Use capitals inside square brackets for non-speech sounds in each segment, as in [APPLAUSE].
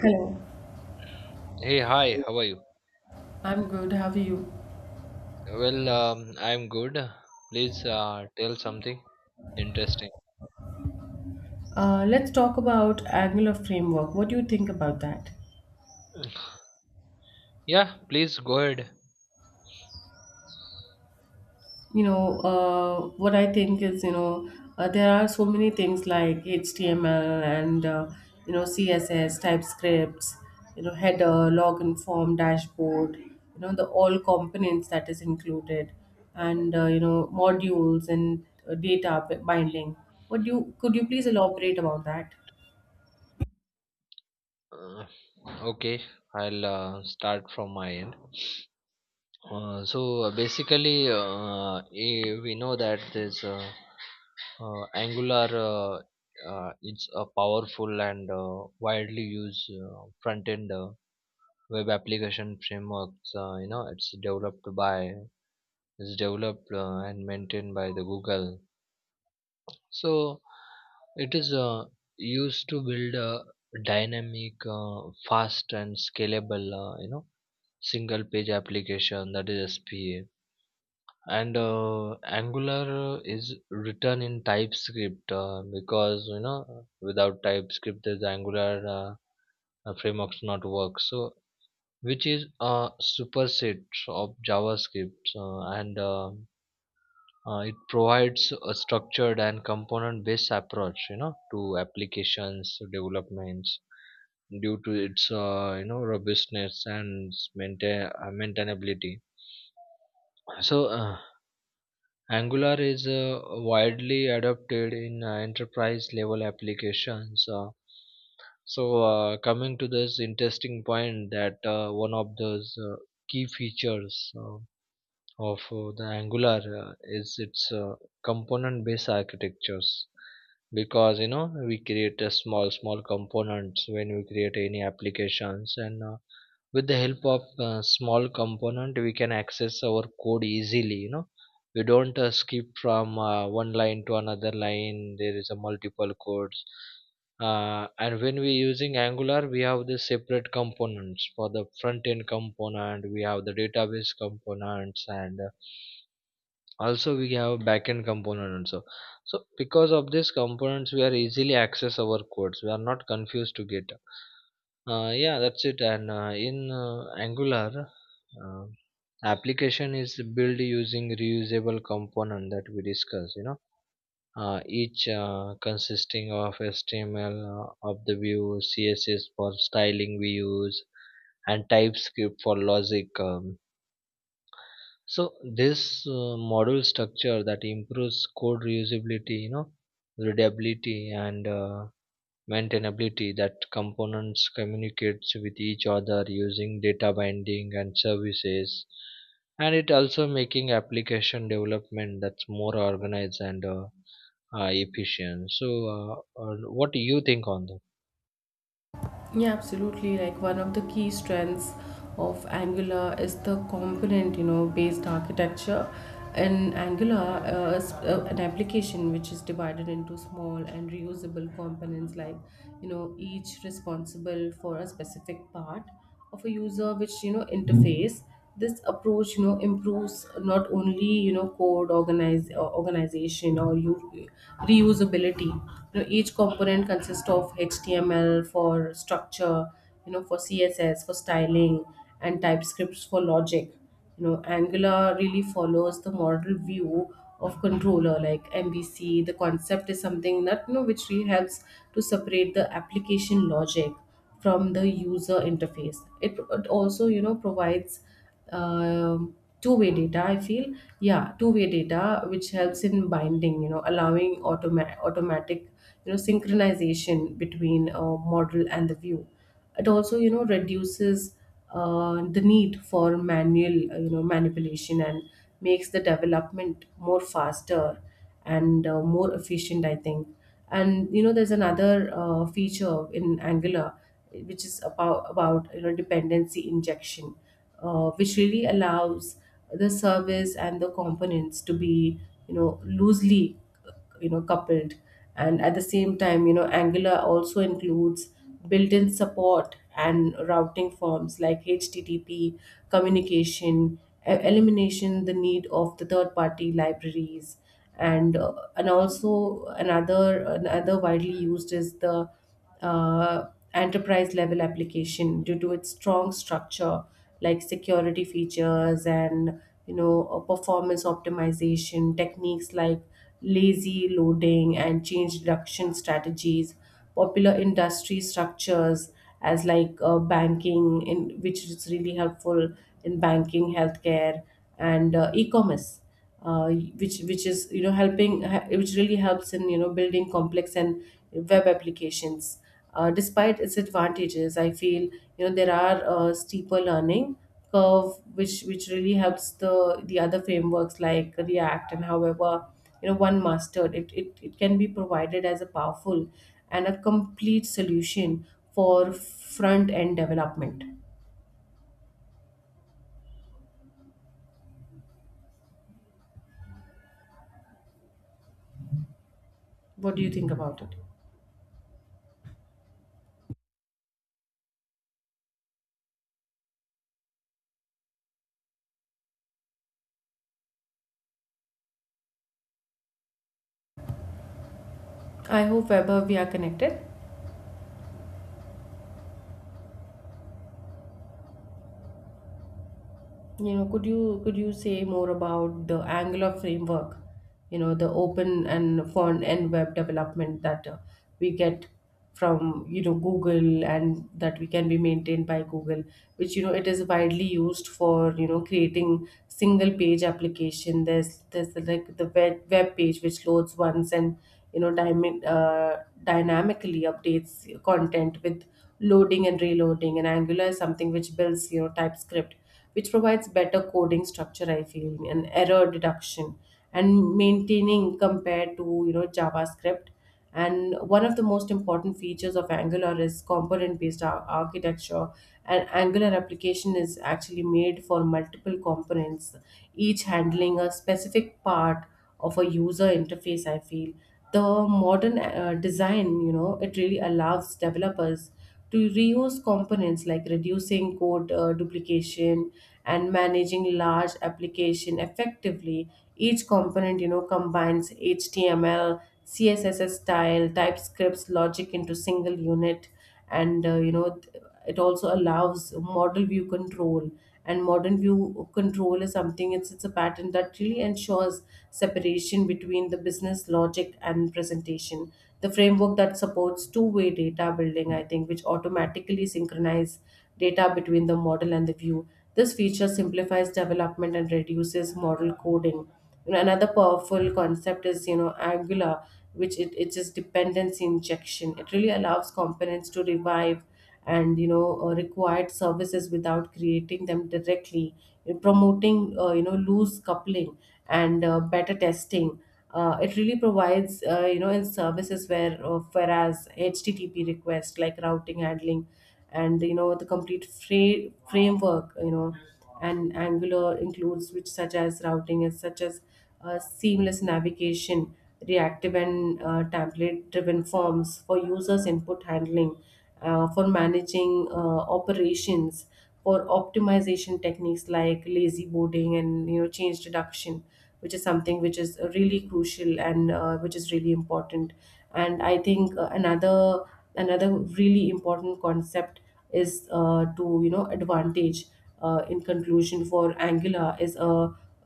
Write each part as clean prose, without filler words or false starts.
Hello. Hey, hi, how are you? I'm good. How are you? Well, I'm good. Please tell something interesting. Let's talk about Angular framework. What do you think about that? Yeah, please go ahead. What I think is, there are so many things like HTML and, CSS, TypeScripts, you know, header, login form, dashboard, you know, the all components that is included and, modules and data binding. Could you please elaborate about that? Uh, okay, I'll start from my end. So basically, we know that this Angular it's a powerful and widely used front-end web application framework. Uh, you know, it's developed by it's developed and maintained by the Google. So it is used to build a dynamic, fast and scalable, single page application, that is SPA. And Angular is written in TypeScript because without TypeScript, the Angular frameworks not work. So which is a superset of JavaScript and it provides a structured and component based approach to applications developments due to its robustness and maintainability. So Angular is widely adopted in enterprise level applications. So coming to this interesting point that one of those key features of the Angular is its component based architectures. Because you know we create a small small components when we create any applications, and with the help of small component we can access our code easily. We don't skip from one line to another line, there is a multiple codes. And when we using Angular we have the separate components for the front end component, we have the database components, and also we have backend component also. So because of these components we are easily access our codes, we are not confused to get. Yeah, that's it. And in Angular, uh, application is built using reusable component that we discussed, each consisting of HTML, of the view, CSS for styling we use, and TypeScript for logic. So this model structure that improves code reusability, readability, and maintainability, that components communicates with each other using data binding and services, and it also making application development that's more organized and efficient. So uh, what do you think on that? Yeah, absolutely. Like one of the key strengths of Angular is the component, you know, based architecture. In Angular, is, an application which is divided into small and reusable components, like you know, each responsible for a specific part of a user, which you know interface, this approach you know improves not only you know code organize organization or you reusability. You know each component consists of html for structure, you know for css for styling and typescripts for logic. You know angular really follows the model view of controller like MVC. The concept is something that you know which really helps to separate the application logic from the user interface. It also, you know, provides um, two-way data. I feel, yeah, two-way data, which helps in binding, you know, allowing automatic, you know, synchronization between a model and the view. It also, you know, reduces the need for manual, you know, manipulation, and makes the development more faster and more efficient, I think. And you know there's another feature in angular which is about you know dependency injection, which really allows the service and the components to be you know loosely you know coupled. And at the same time you know angular also includes built-in support and routing forms like http communication, elimination the need of the third party libraries. And also another widely used is the uh, enterprise level application due to its strong structure like security features and you know performance optimization techniques like lazy loading and change reduction strategies, popular industry structures as like banking, in which is really helpful in banking, healthcare, and e-commerce, which is you know which really helps in you know building complex and web applications. Despite its advantages, I feel you know there are steeper learning curve which really helps the other frameworks like react. And however you know one mastered it, it can be provided as a powerful and a complete solution for front end development. What do you think about it? I hope weber we are connected. You know, could you say more about the Angular framework? You know, the open and front end web development that we get from you know Google, and that we can be maintained by Google, which you know it is widely used for you know creating single page application. There's like the web page which loads once and you know dynamically updates content with loading and reloading. And Angular is something which builds you know TypeScript which provides better coding structure, I feel, and error deduction and maintaining compared to you know JavaScript. And one of the most important features of Angular is component-based architecture. An Angular application is actually made for multiple components, each handling a specific part of a user interface. I feel the modern design, you know, it really allows developers to reuse components like reducing code duplication and managing large application effectively. Each component you know combines html, css style, typescripts logic into single unit. And it also allows model view control, and modern view control is something, it's a pattern that really ensures separation between the business logic and presentation. The framework that supports two-way data building, I think, which automatically synchronize data between the model and the view. This feature simplifies development and reduces model coding. You know, another powerful concept is you know angular, which it is dependency injection. It really allows components to revive and you know required services without creating them directly, promoting you know loose coupling and better testing. It really provides you know in services whereas http requests like routing handling and you know the complete framework, you know. And angular includes which such as routing, as such as seamless navigation, reactive and template driven forms for users input handling, for managing operations, for optimization techniques like lazy boarding and you know change deduction, which is something which is really crucial and which is really important. And I think another really important concept is to you know advantage. In conclusion, for angular is a,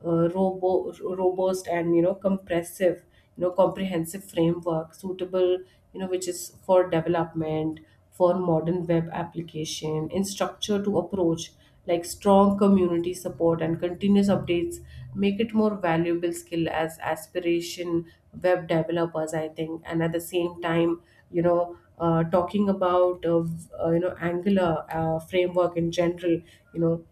a robo, robust and you know comprehensive framework suitable you know which is for development for modern web application in structure to approach, like strong community support and continuous updates, make it more valuable skill as aspiration web developers, I think. And at the same time, you know talking about you know angular framework in general, you know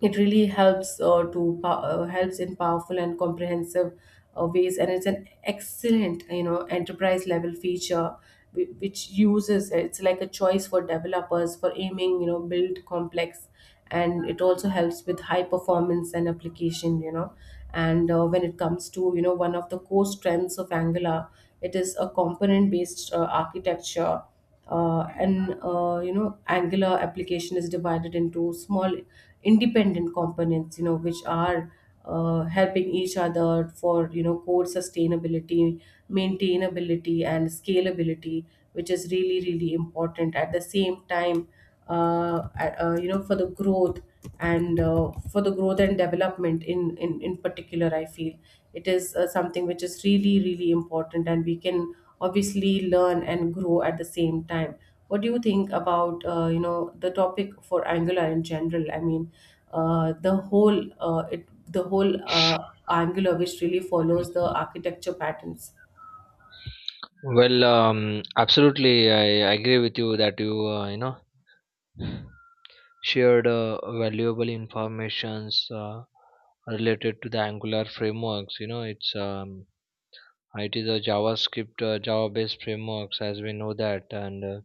it really helps to helps in powerful and comprehensive ways, and it's an excellent you know enterprise level feature which uses it's like a choice for developers for aiming you know build complex. And it also helps with high performance and application, you know. And when it comes to you know one of the core strengths of angular, it is a component based architecture. And You know angular application is divided into small independent components, you know, which are helping each other for you know code sustainability, maintainability and scalability, which is really important at the same time. You know, for the growth and for the growth and development in particular, I feel it is something which is really important, and we can obviously learn and grow at the same time. What do you think about you know the topic for angular in general, I mean uh, the whole uh, it the whole angular which really follows the architecture patterns? Well, absolutely I agree with you that you you know shared valuable informations related to the Angular frameworks. It is a JavaScript, java based frameworks, as we know that. And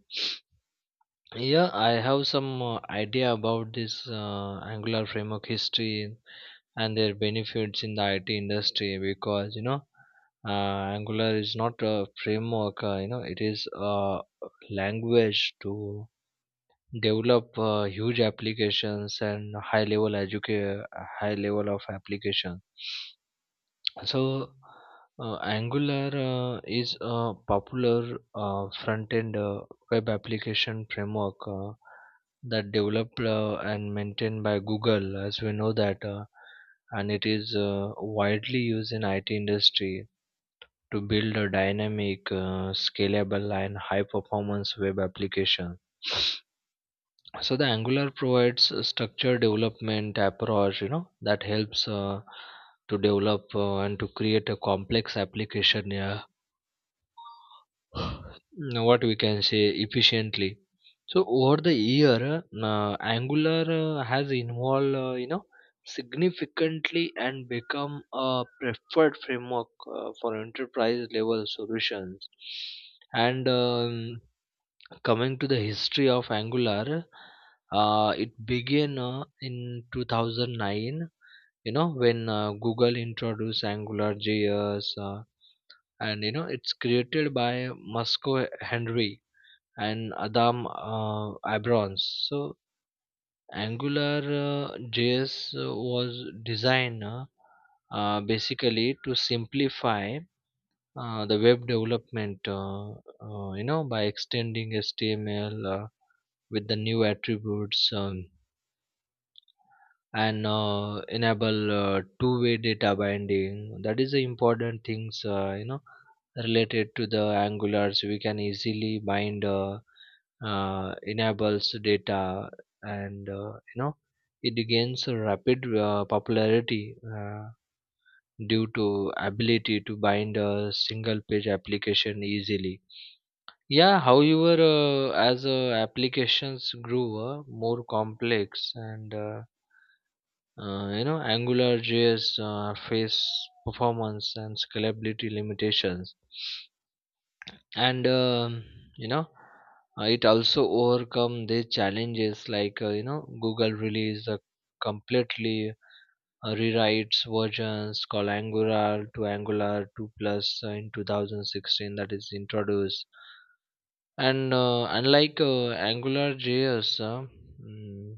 yeah, I have some idea about this Angular framework history and their benefits in the IT industry. Because you know Angular is not a framework. It is a language to develop huge applications and high level of application. So, Angular is a popular front-end web application framework that developed and maintained by Google, as we know that, and it is widely used in IT industry to build a dynamic, scalable, and high-performance web application. So the Angular provides a structured development approach, that helps to develop and to create a complex application. Yeah, [SIGHS] what we can say efficiently. So over the year, Angular has evolved, significantly and become a preferred framework for enterprise level solutions. And coming to the history of Angular, it began in 2009 when Google introduced Angular JS, and you know it's created by Moscow Henry and Adam Abrons. So Angular uh, JS was designed basically to simplify the web development by extending HTML, with the new attributes, and enable two-way data binding, that is the important things related to the Angular. So we can easily bind enables data. And it gains a rapid popularity due to ability to bind a single page application easily. Yeah, however, as applications grew more complex, and Angular JS face performance and scalability limitations. And you know it also overcome the challenges, like Google released a completely rewrites versions called Angular to Angular 2 plus in 2016, that is introduced. And unlike Angular JS, mm,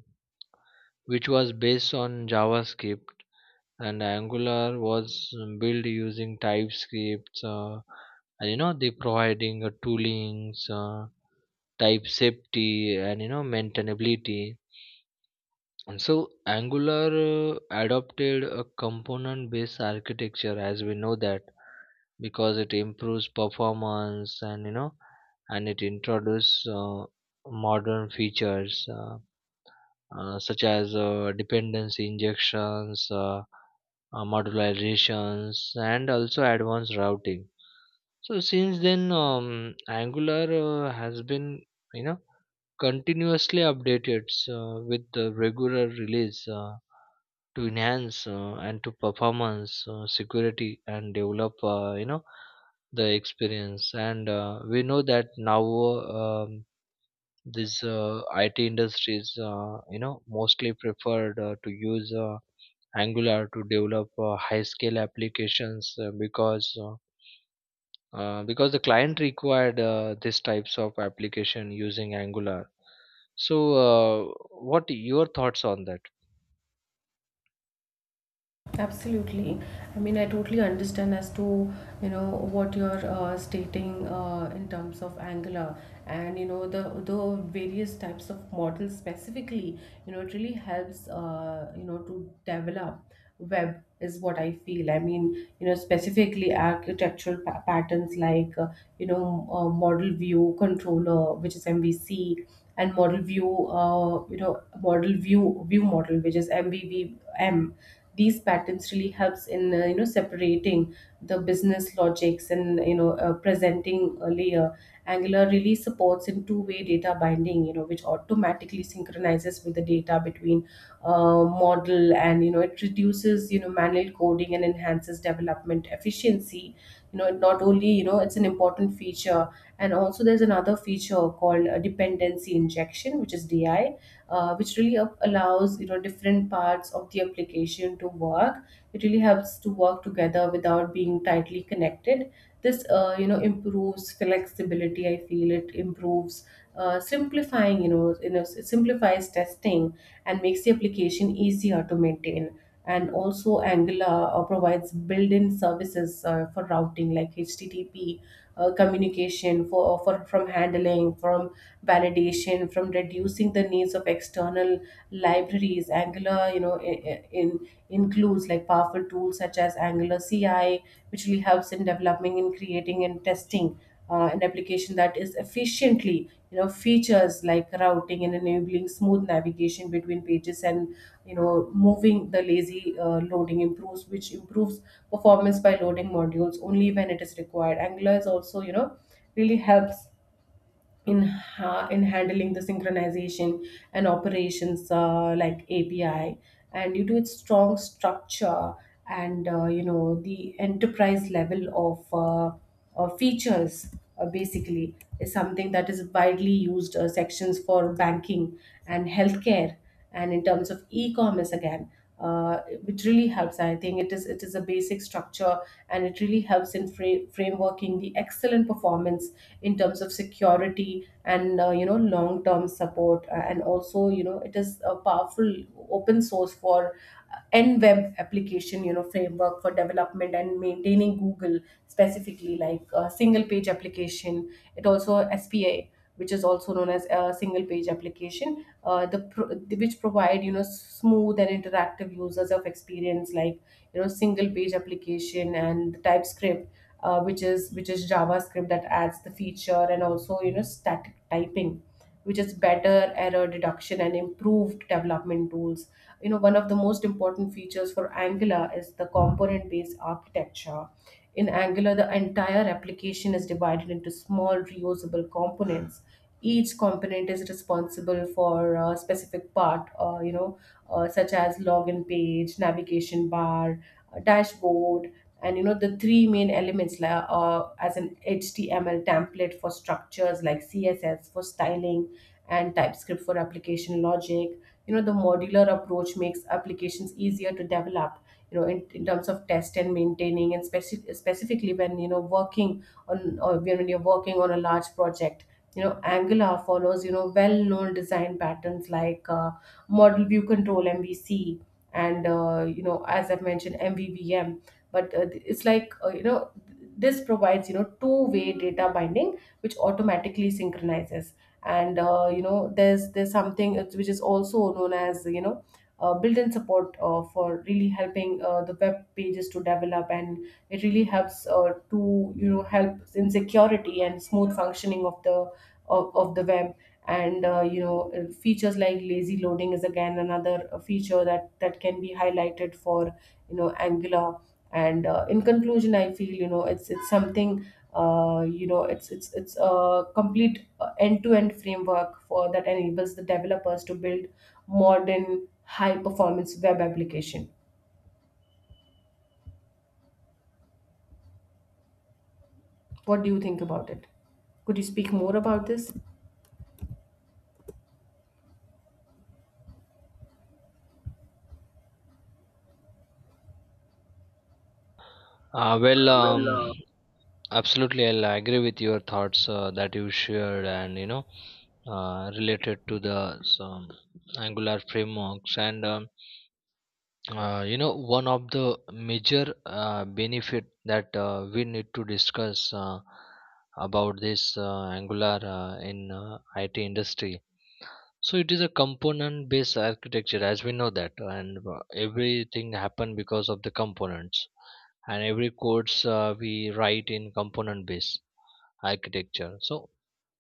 which was based on JavaScript, and Angular was built using TypeScript, and you know they providing toolings, type safety, and you know maintainability. And so Angular adopted a component-based architecture, as we know that, because it improves performance. And you know and it introduces modern features such as dependency injections, modularizations, and also advanced routing. So since then, Angular has been you know continuously updated with the regular release. To enhance and to performance security and develop the experience. And we know that now um, this IT industries mostly preferred to use Angular to develop high scale applications because because the client required these types of application using Angular. So, what your thoughts on that? Absolutely. I mean, I totally understand as to, you know, what you're stating in terms of Angular, and, you know, the various types of models. Specifically, you know, it really helps, you know, to develop web, is what I feel. I mean, you know, specifically architectural pa patterns like, model view controller, which is MVC, and model view, model view view model, which is MVVM. These patterns really helps in you know separating the business logics and you know presenting a layer. Angular really supports in two-way data binding, you know, which automatically synchronizes with the data between model. And you know it reduces you know manual coding and enhances development efficiency. You know it not only, you know, it's an important feature. And also there's another feature called dependency injection, which is di, which really allows you know different parts of the application to work. It really helps to work together without being tightly connected. This you know improves flexibility. I feel it improves simplifying. You know, simplifies testing and makes the application easier to maintain. And also, Angular provides built-in services for routing like HTTP communication for from handling, from validation, from reducing the needs of external libraries. Angular, includes like powerful tools such as Angular CI, which really helps in developing in creating and testing an application that is efficiently. You know, features like routing and enabling smooth navigation between pages, and you know, moving the lazy loading improves performance by loading modules only when it is required. Angular is also, you know, really helps in handling the synchronization and operations like API, and due to its strong structure and, the enterprise level of features, basically, is something that is widely used sections for banking and healthcare, and in terms of e-commerce again, which really helps. I think it is a basic structure, and it really helps in frameworking the excellent performance in terms of security and, you know, long term support. And also, you know, it is a powerful open source for n web application, you know, framework for development and maintaining Google, specifically like a single page application. It also, SPA, which is also known as a single page application. Which provide, you know, smooth and interactive users of experience like, you know, single page application. And TypeScript, which is JavaScript that adds the feature, and also, you know, static typing, which is better error detection and improved development tools. You know, one of the most important features for Angular is the component based architecture. In Angular, the entire application is divided into small reusable components. Each component is responsible for a specific part, such as login page, navigation bar, dashboard, and you know the three main elements, as an HTML template for structures, like CSS for styling and TypeScript for application logic. You know, the modular approach makes applications easier to develop, you know, in terms of test and maintaining, and specifically when, you know, working on a large project. You know, Angular follows, you know, well known design patterns like, model view control, MVC, and, you know, as I've mentioned, MVVM. But it's like you know this provides, you know, two-way data binding, which automatically synchronizes. And, you know, there's something which is also known as, you know, built-in support for really helping the web pages to develop, and it really helps to, you know, help in security and smooth functioning of the of the web. And, features like lazy loading is again another feature that can be highlighted for, you know, Angular. And, in conclusion, I feel, you know, it's something, it's a complete end-to-end framework for that enables the developers to build modern high-performance web application. What do you think about it? Could you speak more about this? Uh, well, Uh, um, well, uh, Absolutely, I'll agree with your thoughts that you shared, and related to the some Angular frameworks. And one of the major benefit that we need to discuss about this Angular in IT industry. So it is a component-based architecture, as we know that, and everything happen because of the components, and every codes we write in component base architecture. So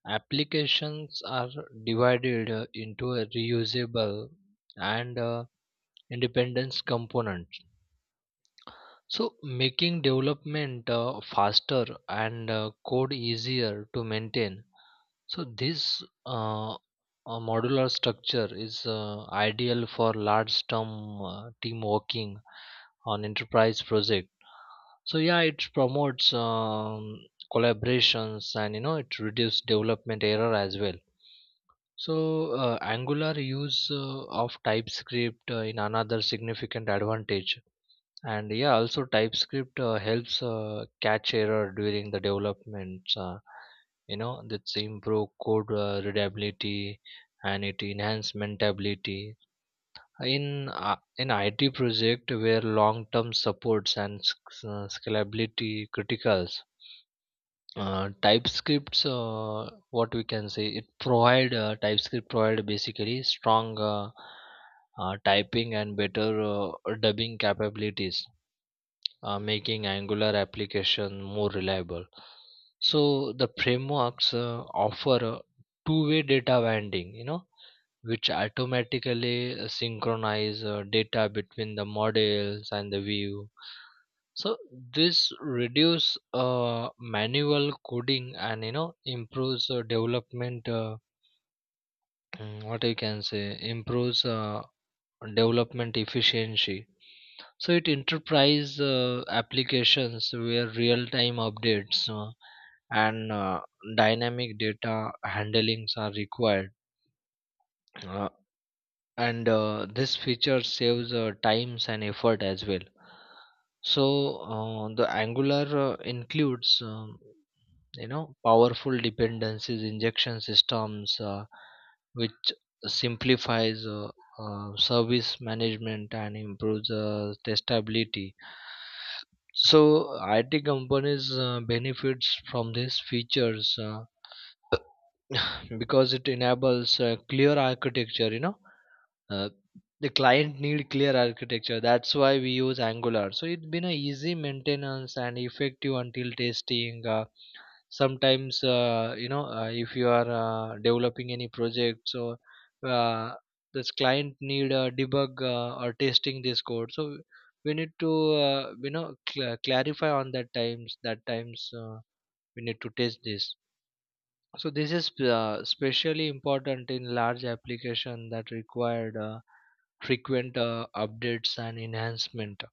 applications are divided into a reusable and independence components. So making development faster and code easier to maintain. So this a modular structure is ideal for large term team working on enterprise project. So yeah, it promotes collaborations, and you know it reduces development error as well. So Angular use of TypeScript in another significant advantage. And yeah, also TypeScript helps catch error during the development. That's improve code readability, and it enhance maintainability in IT project where long term supports and scalability criticals. TypeScripts, what we can say, it provide TypeScript provide basically strong typing and better dubbing capabilities, making Angular application more reliable. So the frameworks offer a two-way data binding, which automatically synchronize data between the models and the view. So this reduce manual coding and you know improves development. What you can say, improves development efficiency. So it enterprise applications where real time updates and dynamic data handlings are required. uh, and this feature saves times and effort as well. So the Angular includes powerful dependencies injection systems, which simplifies service management and improves testability. So it companies benefits from these features because it enables clear architecture. Uh, the client need clear architecture, that's why we use Angular. So it's been a easy maintenance and effective until testing. Sometimes if you are developing any project, so uh, this client need a debug or testing this code. So we need to clarify on that times, we need to test this. So this is especially important in large application that required frequent updates and enhancement.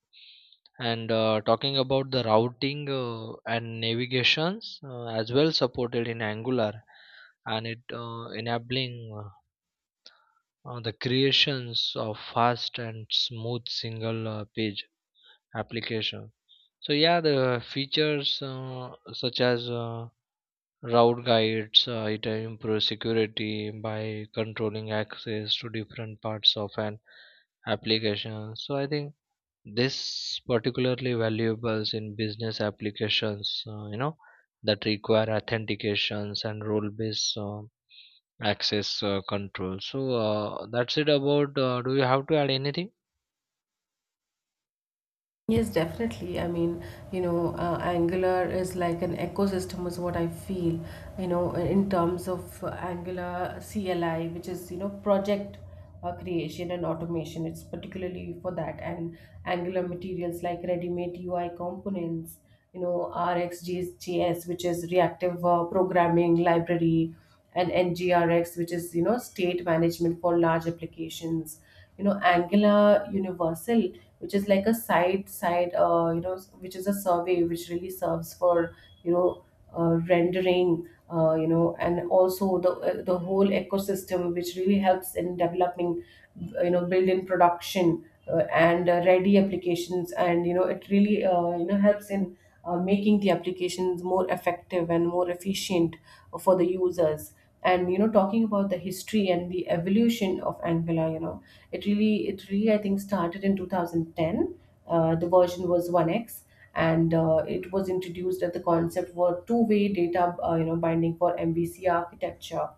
And talking about the routing and navigations as well supported in Angular, and it enabling the creations of fast and smooth single page application. So yeah, the features such as Route guides, it improves security by controlling access to different parts of an application. So I think this particularly valuables in business applications. That require authentications and role-based access control. So that's it about. Do you have to add anything? Yes, definitely. I mean, you know, Angular is like an ecosystem, is what I feel, you know, in terms of Angular CLI, which is, you know, project creation and automation. It's particularly for that. And Angular materials like ready-made UI components, you know, RxJS, which is reactive programming library, and NGRX, which is, you know, state management for large applications. You know, Angular Universal, which is like a you know, which is a survey which really serves for, you know, rendering, you know, and also the whole ecosystem, which really helps in developing, you know, built-in production and ready applications. And, you know, it really, you know, helps in making the applications more effective and more efficient for the users. And, you know, talking about the history and the evolution of Angular, you know, it really, I think, started in 2010. The version was 1x, and it was introduced that the concept were two-way data, you know, binding for MVC architecture.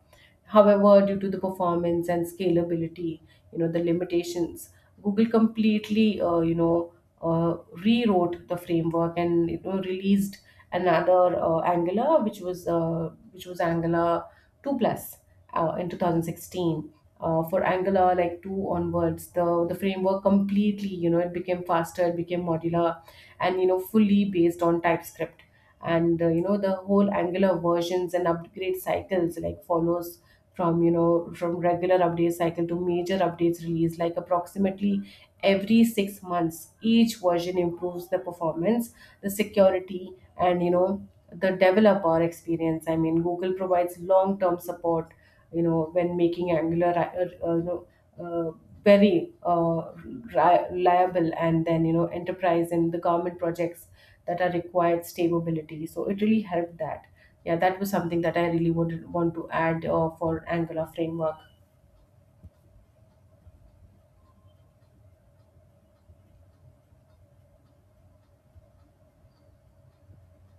However, due to the performance and scalability, you know, the limitations, Google completely, uh, rewrote the framework and, you know, released another Angular, which was Angular two plus in 2016. For Angular like two onwards, the framework completely, you know, it became faster, it became modular, and, you know, fully based on TypeScript. And, you know, the whole Angular versions and upgrade cycles like follows from, you know, from regular update cycle to major updates release like approximately every 6 months. Each version improves the performance, the security, and, you know, the developer experience. I mean, Google provides long term support, you know, when making Angular uh, you know uh, very uh, reliable, and then, you know, enterprise and the government projects that are required stability. So it really helped that. Yeah, that was something that I really would want to add for Angular framework.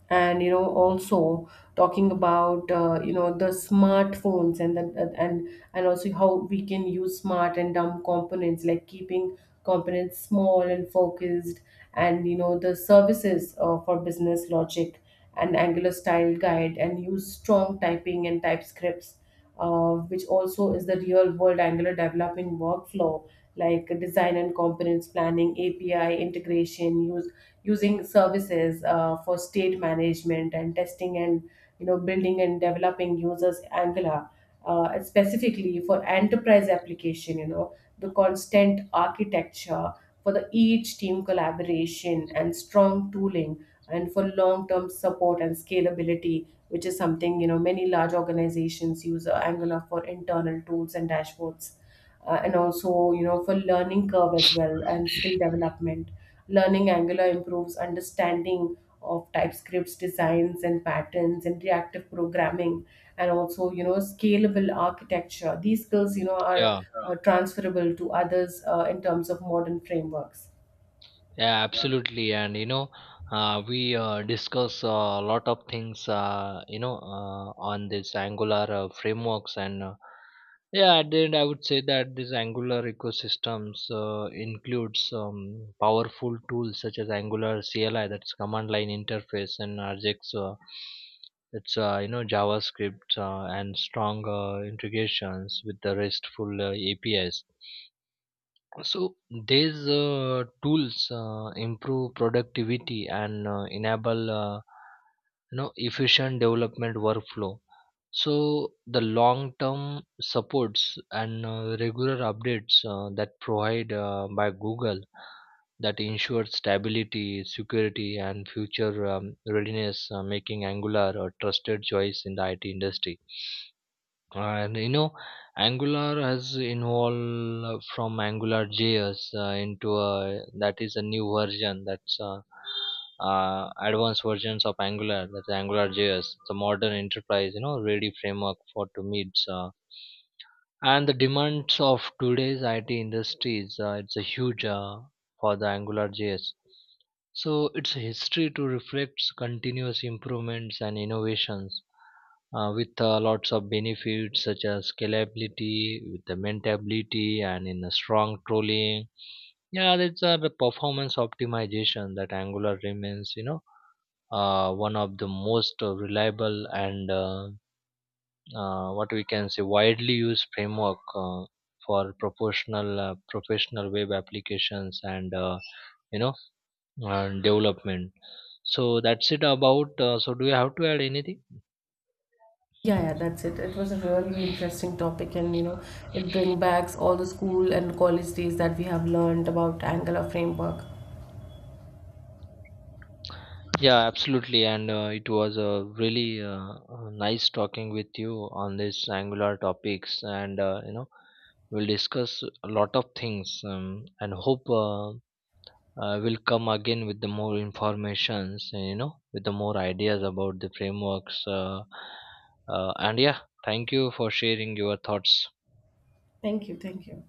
And, you know, also talking about, you know, the smartphones, and the and also how we can use smart and dumb components, like keeping components small and focused, and, you know, the services for business logic, and Angular style guide, and use strong typing and type scripts, which also is the real world angular developing workflow, like design and components planning, API integration, use using services for state management and testing, and, you know, building and developing users Angular, specifically for enterprise application. You know, the constant architecture for the each team collaboration and strong tooling, and for long term support and scalability, which is something, you know, many large organizations use Angular for internal tools and dashboards. And also, you know, for learning curve as well, and skill development. Learning Angular improves understanding of TypeScripts designs and patterns and reactive programming, and also, you know, scalable architecture. These skills, you know, are Yeah, transferable to others in terms of modern frameworks. yeah, absolutely. And you know, we discuss a lot of things, on this Angular frameworks. And yeah, at the end, I would say that this Angular ecosystems includes powerful tools such as Angular CLI, that's command line interface, and RJX, it's JavaScript, and strong integrations with the RESTful APIs. So these tools improve productivity and enable efficient development workflow. So the long term supports and regular updates that provide by Google that ensure stability, security, and future readiness, making Angular a trusted choice in the IT industry. And you know, Angular has evolved from Angular JS into a new version, that's advanced versions of Angular, that's Angular JS. It's a modern enterprise ready framework for to meet and the demands of today's IT industries. It's a huge for the Angular JS. So its history to reflects continuous improvements and innovations, with lots of benefits such as scalability, with the maintainability, and in a strong trolling. Yeah, that's the performance optimization that Angular remains, you know, one of the most reliable and what we can say, widely used framework for proportional professional web applications and you know and development. So that's it about. So do you have to add anything? Yeah, yeah, that's it. It was a really interesting topic, and, you know, it brings back all the school and college days that we have learned about Angular framework. Yeah, absolutely. And it was really nice talking with you on these Angular topics. And, we'll discuss a lot of things, and hope we'll come again with the more informations and, you know, with the more ideas about the frameworks. And yeah, thank you for sharing your thoughts. Thank you, thank you.